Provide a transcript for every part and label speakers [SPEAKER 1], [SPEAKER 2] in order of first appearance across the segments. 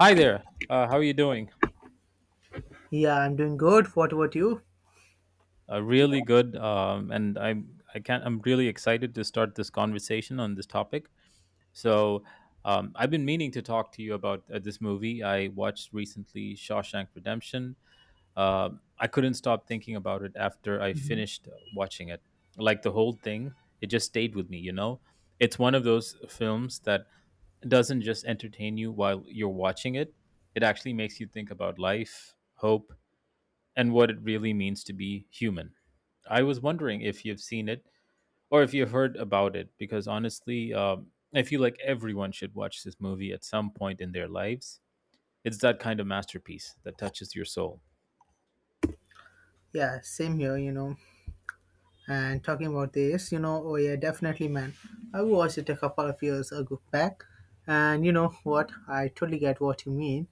[SPEAKER 1] Hi there. How are you doing?
[SPEAKER 2] Yeah, I'm doing good. What about you?
[SPEAKER 1] Really good. And I'm I can't. I'm really excited to start this conversation on this topic. So I've been meaning to talk to you about this movie I watched recently, Shawshank Redemption. Uh, I couldn't stop thinking about it after I
[SPEAKER 2] Mhm.
[SPEAKER 1] finished watching it. Like the whole thing, it just stayed with me. It's one of those films that doesn't just entertain you while you're watching it. It actually makes you think about life, hope, and what it really means to be human. I was wondering if you've seen it or if you've heard about it, because honestly, I feel like everyone should watch this movie at some point in their lives. It's that kind of masterpiece that touches your soul.
[SPEAKER 2] Yeah, same here, you know. And talking about this, you know, oh yeah, definitely, man. I watched it a couple of years ago back, and you know what? I totally get what you mean.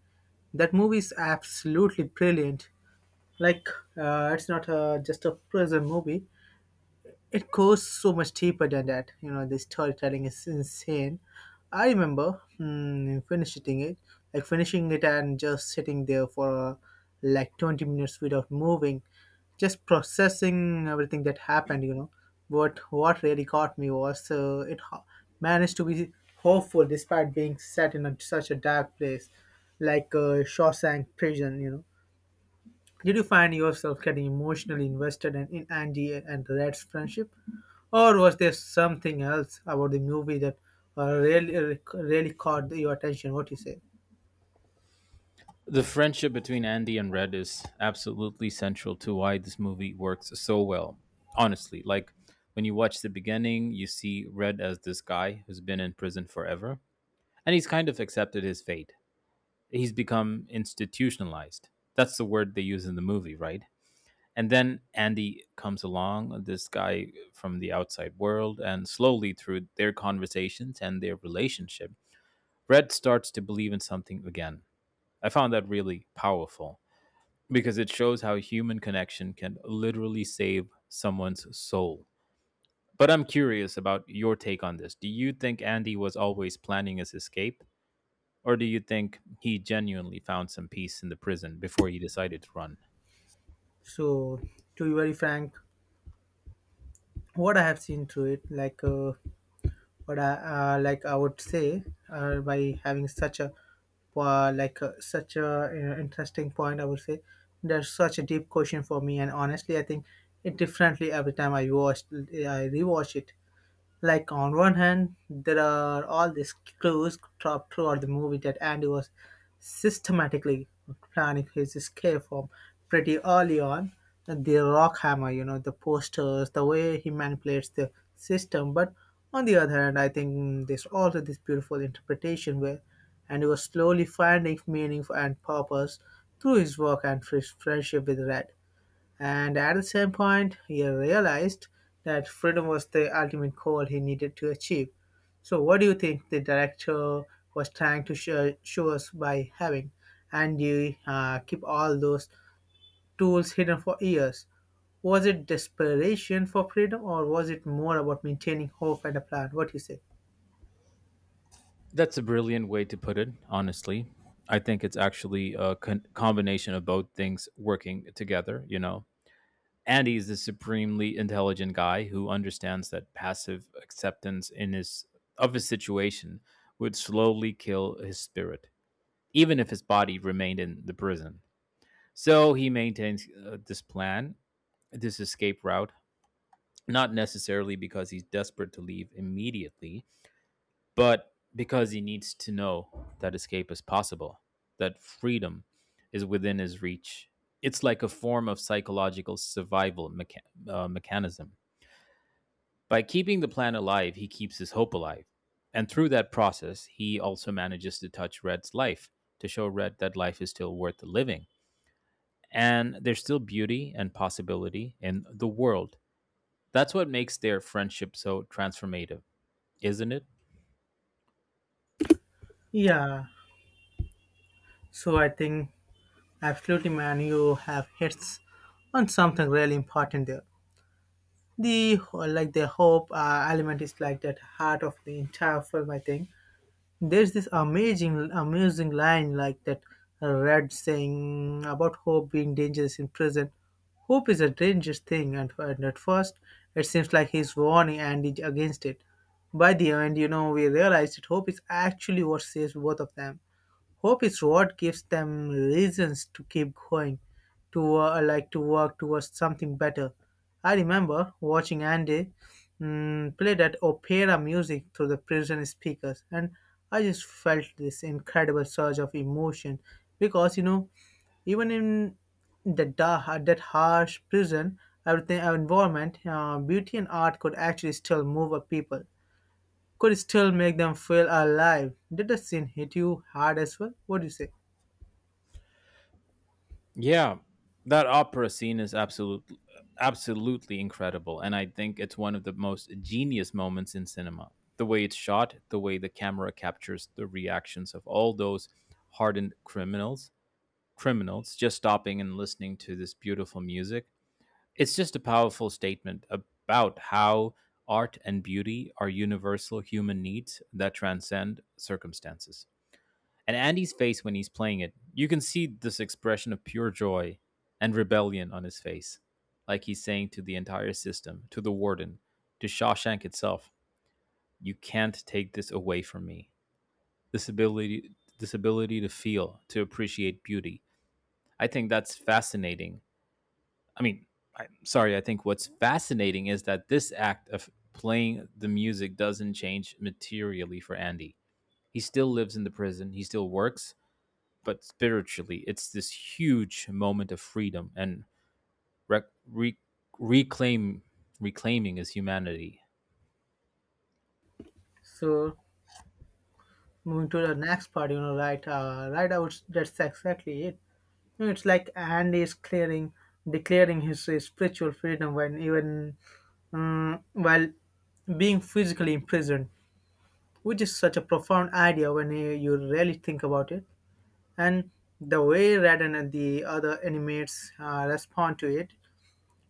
[SPEAKER 2] That movie is absolutely brilliant. Like, it's not just a prison movie. It goes so much deeper than that. You know, the storytelling is insane. I remember finishing it, like finishing it and just sitting there for like 20 minutes without moving, just processing everything that happened, But what really got me was managed to be hopeful despite being set in such a dark place like Shawshank prison, you know. Did you find yourself getting emotionally invested in Andy and Red's friendship? Or was there something else about the movie that uh, really, really caught your attention? What you say?
[SPEAKER 1] The friendship between Andy and Red is absolutely central to why this movie works so well. Honestly, like when you watch the beginning, you see Red as this guy who's been in prison forever, and he's kind of accepted his fate. He's become institutionalized. That's the word they use in the movie, right? And then Andy comes along, this guy from the outside world, and slowly through their conversations and their relationship, Red starts to believe in something again. I found that really powerful because it shows how human connection can literally save someone's soul. But I'm curious about your take on this. Do you think Andy was always planning his escape? Or do you think he genuinely found some peace in the prison before he decided to run?
[SPEAKER 2] So, to be very frank, what I have seen through it, I would say, by having such a such a interesting point, I would say there's such a deep question for me, and honestly, I think it differently every time I I rewatch it. Like on one hand, there are all these clues dropped throughout the movie that Andy was systematically planning his escape from pretty early on. The rock hammer, you know, the posters, the way he manipulates the system. But on the other hand, I think there's also this beautiful interpretation where Andy was slowly finding meaning and purpose through his work and his friendship with Red. And at the same point, he realized that freedom was the ultimate goal he needed to achieve. So, what do you think the director was trying to show us by having Andy keep all those tools hidden for years? Was it desperation for freedom, or was it more about maintaining hope and a plan? What do you say?
[SPEAKER 1] That's a brilliant way to put it, honestly. I think it's actually a combination of both things working together, you know. Andy is a supremely intelligent guy who understands that passive acceptance in his of his situation would slowly kill his spirit, even if his body remained in the prison. So he maintains this plan, this escape route, not necessarily because he's desperate to leave immediately, but because he needs to know that escape is possible, that freedom is within his reach. It's like a form of psychological survival mechanism. By keeping the plan alive, he keeps his hope alive. And through that process, he also manages to touch Red's life to show Red that life is still worth living. And there's still beauty and possibility in the world. That's what makes their friendship so transformative, isn't it?
[SPEAKER 2] Yeah, so I think absolutely, man, you have hits on something really important there. Like the hope element is like that heart of the entire film. I think there's this amazing line like that Red saying about hope being dangerous in prison. Hope is a dangerous thing, and at first it seems like he's warning and is against it. By the end, you know, we realize that hope is actually what saves both of them. Hope is what gives them reasons to keep going, to to work towards something better. I remember watching Andy play that opera music through the prison speakers, and I just felt this incredible surge of emotion because, you know, even in that harsh prison, everything our environment, beauty and art could actually still move a people, could still make them feel alive. Did the scene hit you hard as well? What do you say?
[SPEAKER 1] Yeah, that opera scene is absolutely incredible, and I think it's one of the most genius moments in cinema. The way it's shot, the way the camera captures the reactions of all those hardened criminals, criminals just stopping and listening to this beautiful music. It's just a powerful statement about how art and beauty are universal human needs that transcend circumstances. And Andy's face when he's playing it, you can see this expression of pure joy and rebellion on his face. Like he's saying to the entire system, to the warden, to Shawshank itself, you can't take this away from me. This ability this ability to feel, to appreciate beauty. I think that's fascinating. I mean, I'm sorry, I think what's fascinating is that this act of playing the music doesn't change materially for Andy. He still lives in the prison, he still works, but spiritually, it's this huge moment of freedom and rec- re- reclaim reclaiming his humanity.
[SPEAKER 2] So moving to the next part, you know, right, right out. That's exactly it. You know, it's like Andy is clearing, declaring his spiritual freedom when even while being physically imprisoned, which is such a profound idea when you really think about it. And the way Raiden and the other inmates respond to it.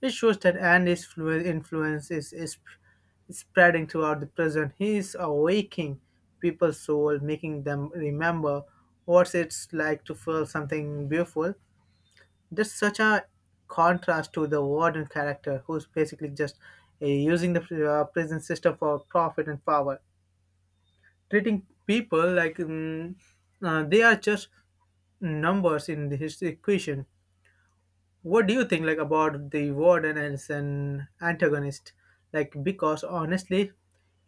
[SPEAKER 2] It shows that influence is spreading throughout the present. He is awakening people's soul, making them remember what it's like to feel something beautiful. That's such a contrast to the warden character, who's basically just using the prison system for profit and power, treating people like they are just numbers in his equation. What do you think like about the warden as an antagonist? Like, because honestly,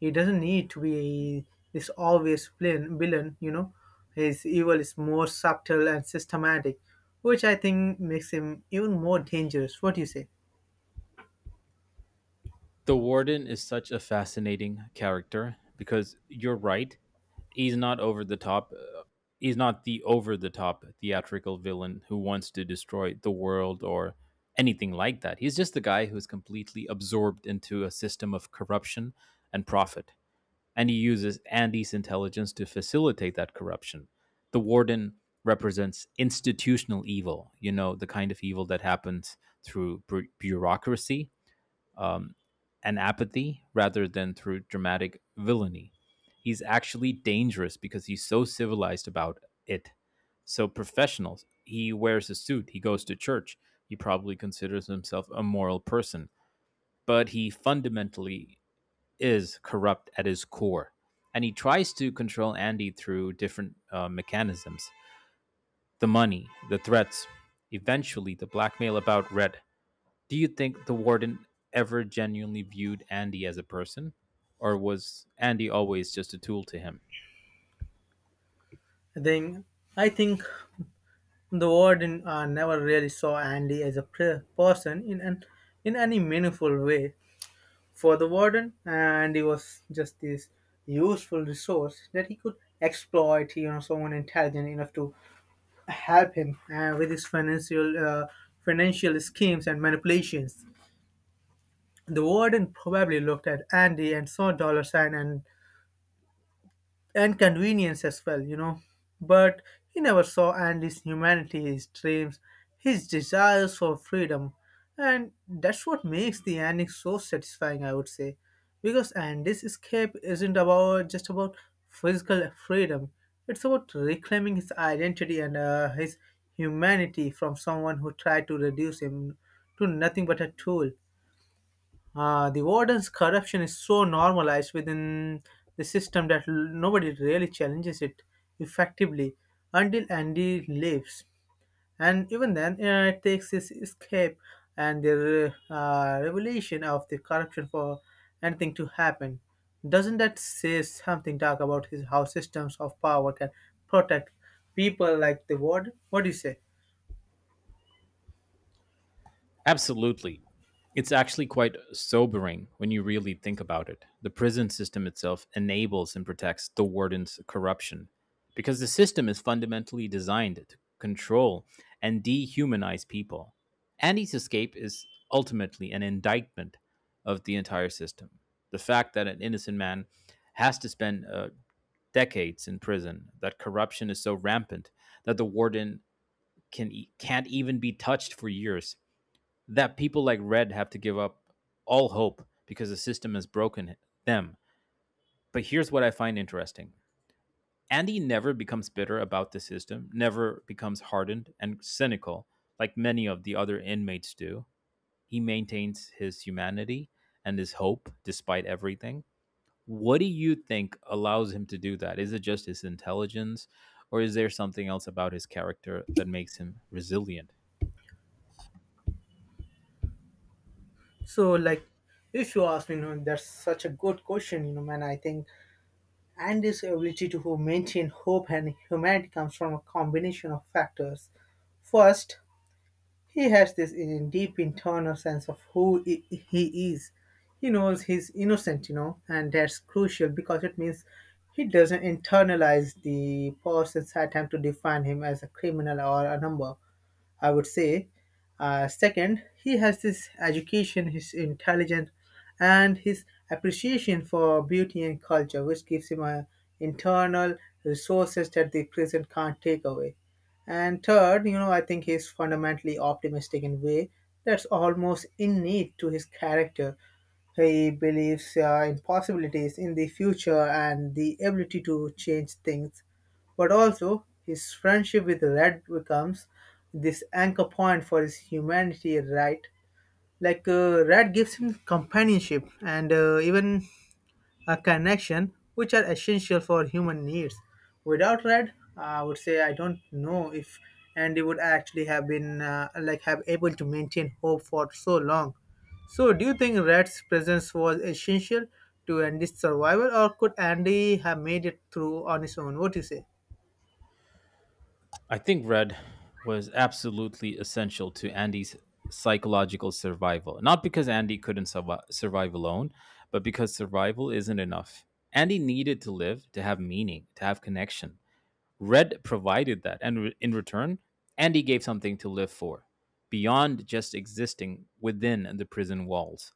[SPEAKER 2] he doesn't need to be this obvious villain, you know. His evil is more subtle and systematic, which I think makes him even more dangerous. What do you say?
[SPEAKER 1] The warden is such a fascinating character because you're right, he's not over the top. He's not the over the top theatrical villain who wants to destroy the world or anything like that. He's just the guy who's completely absorbed into a system of corruption and profit, and he uses Andy's intelligence to facilitate that corruption. The warden represents institutional evil, you know, the kind of evil that happens through bureaucracy and apathy rather than through dramatic villainy. He's actually dangerous because he's so civilized about it. So, professionals, he wears a suit, he goes to church, he probably considers himself a moral person, but he fundamentally is corrupt at his core, and he tries to control Andy through different mechanisms: the money, the threats, eventually the blackmail about Red. Do you think the warden ever genuinely viewed Andy as a person, or was Andy always just a tool to him?
[SPEAKER 2] Then I think the warden never really saw Andy as a person in any meaningful way. For the warden, and he was just this useful resource that he could exploit. You know, someone intelligent enough to help him with his financial schemes and manipulations. The warden probably looked at Andy and saw dollar sign and convenience as well, you know. But he never saw Andy's humanity, his dreams, his desires for freedom. And that's what makes the ending so satisfying, I would say. Because Andy's escape isn't about just about physical freedom. It's about reclaiming his identity and his humanity from someone who tried to reduce him to nothing but a tool. The warden's corruption is so normalized within the system that nobody really challenges it effectively until Andy leaves. And even then, it takes his escape and the revelation of the corruption for anything to happen. Doesn't that say something dark about his, how systems of power can protect people like the warden? What do you say?
[SPEAKER 1] Absolutely. It's actually quite sobering when you really think about it. The prison system itself enables and protects the warden's corruption because the system is fundamentally designed to control and dehumanize people. Andy's escape is ultimately an indictment of the entire system. The fact that an innocent man has to spend decades in prison, that corruption is so rampant that the warden can't even be touched for years, that people like Red have to give up all hope because the system has broken them. But here's what I find interesting: Andy never becomes bitter about the system, never becomes hardened and cynical like many of the other inmates do. He maintains his humanity and his hope despite everything. What do you think allows him to do that? Is it just his intelligence, or is there something else about his character that makes him resilient?
[SPEAKER 2] So, like, if you ask me, you know, that's such a good question, you know, man. I think and this ability to maintain hope and humanity comes from a combination of factors. First, he has this deep internal sense of he is. He knows he's innocent, you know, and that's crucial because it means he doesn't internalize the person's attempt to define him as a criminal or a number, I would say. Second, he has this education, his intelligence, and his appreciation for beauty and culture, which gives him a internal resources that the present can't take away. And third, you know, I think he's fundamentally optimistic in a way that's almost innate to his character. He believes in possibilities in the future and the ability to change things, but also his friendship with Red becomes this anchor point for his humanity, right? Like, Rat gives him companionship and, even a connection, which are essential for human needs. Without Rat, I would say I don't know if Andy would actually have been like have able to maintain hope for so long. So, do you think Rat's presence was essential to Andy's survival, or could Andy have made it through on his own? What do you say?
[SPEAKER 1] I think Red was absolutely essential to Andy's psychological survival. Not because Andy couldn't survive alone, but because survival isn't enough. Andy needed to live, to have meaning, to have connection. Red provided that. And in return, Andy gave something to live for beyond just existing within the prison walls.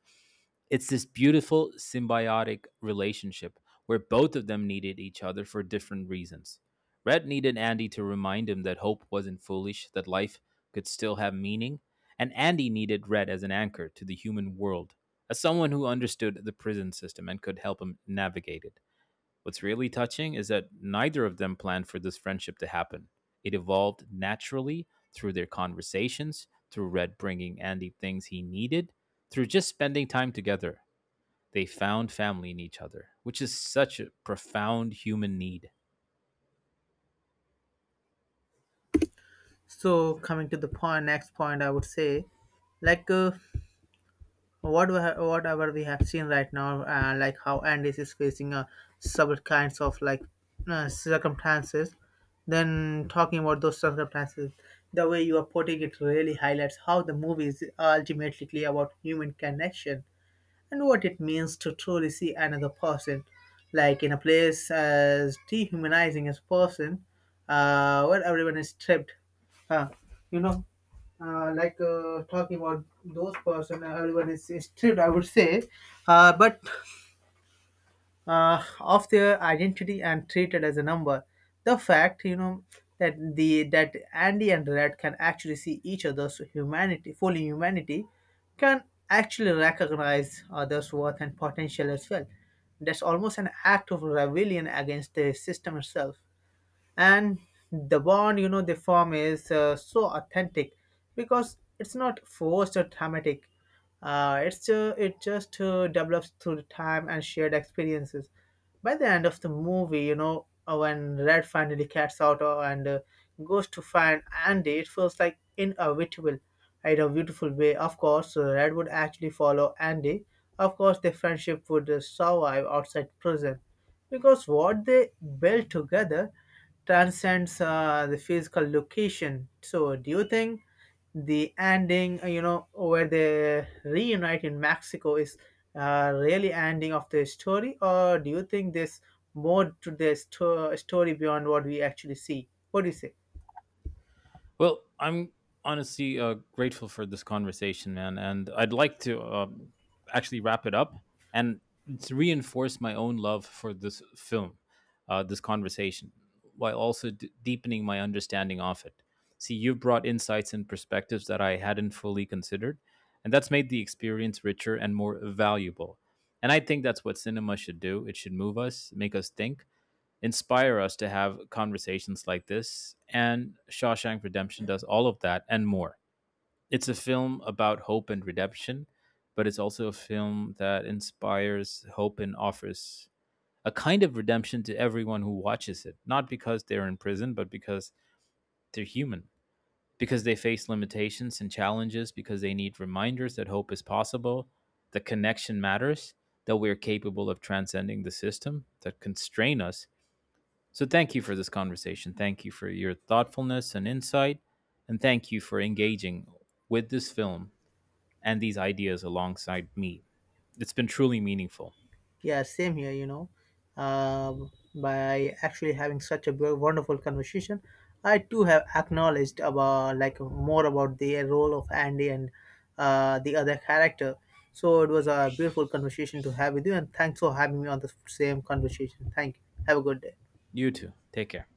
[SPEAKER 1] It's this beautiful symbiotic relationship where both of them needed each other for different reasons. Red needed Andy to remind him that hope wasn't foolish, that life could still have meaning, and Andy needed Red as an anchor to the human world, as someone who understood the prison system and could help him navigate it. What's really touching is that neither of them planned for this friendship to happen. It evolved naturally through their conversations, through Red bringing Andy things he needed, through just spending time together. They found family in each other, which is such a profound human need.
[SPEAKER 2] So, coming to the point, next point, I would say, like. Whatever we have seen right now, like how Andes is facing several kinds of circumstances, then talking about those circumstances, the way you are putting it really highlights how the movie is ultimately clear about human connection and what it means to truly see another person. Like in a place as dehumanizing as person, where everyone is stripped. Uh, you know, Talking about those person, everyone is stripped, I would say, but of their identity and treated as a number. The fact, you know, that Andy and Red can actually see each other's humanity, full humanity, can actually recognize others' worth and potential as well. That's almost an act of rebellion against the system itself, and the bond, you know, they form is so authentic because it's not forced or dramatic. It just develops through the time and shared experiences. By the end of the movie, you know, when Red finally gets out and goes to find Andy, it feels like inevitable in a beautiful way. Of course, Red would actually follow Andy. Of course their friendship would survive outside prison, because what they built together transcends the physical location. So, do you think the ending, you know, where they reunite in Mexico is really ending of the story, or do you think there's more to the story beyond what we actually see? What do you say?
[SPEAKER 1] Well, I'm honestly grateful for this conversation, man, and I'd like to actually wrap it up and to reinforce my own love for this film, this conversation, while also deepening my understanding of it. See, you've brought insights and perspectives that I hadn't fully considered, and that's made the experience richer and more valuable. And I think that's what cinema should do. It should move us, make us think, inspire us to have conversations like this. And Shawshank Redemption does all of that and more. It's a film about hope and redemption, but it's also a film that inspires hope and offers a kind of redemption to everyone who watches it, not because they're in prison, but because they're human, because they face limitations and challenges, because they need reminders that hope is possible, that connection matters, that we're capable of transcending the system that constrain us. So thank you for this conversation. Thank you for your thoughtfulness and insight. And thank you for engaging with this film and these ideas alongside me. It's been truly meaningful.
[SPEAKER 2] Yeah, same here, you know. By actually having such a wonderful conversation, I too have acknowledged about like more about the role of Andy and the other character. So it was a beautiful conversation to have with you, and thanks for having me on the same conversation. Thank you. Have a good day.
[SPEAKER 1] You too. Take care.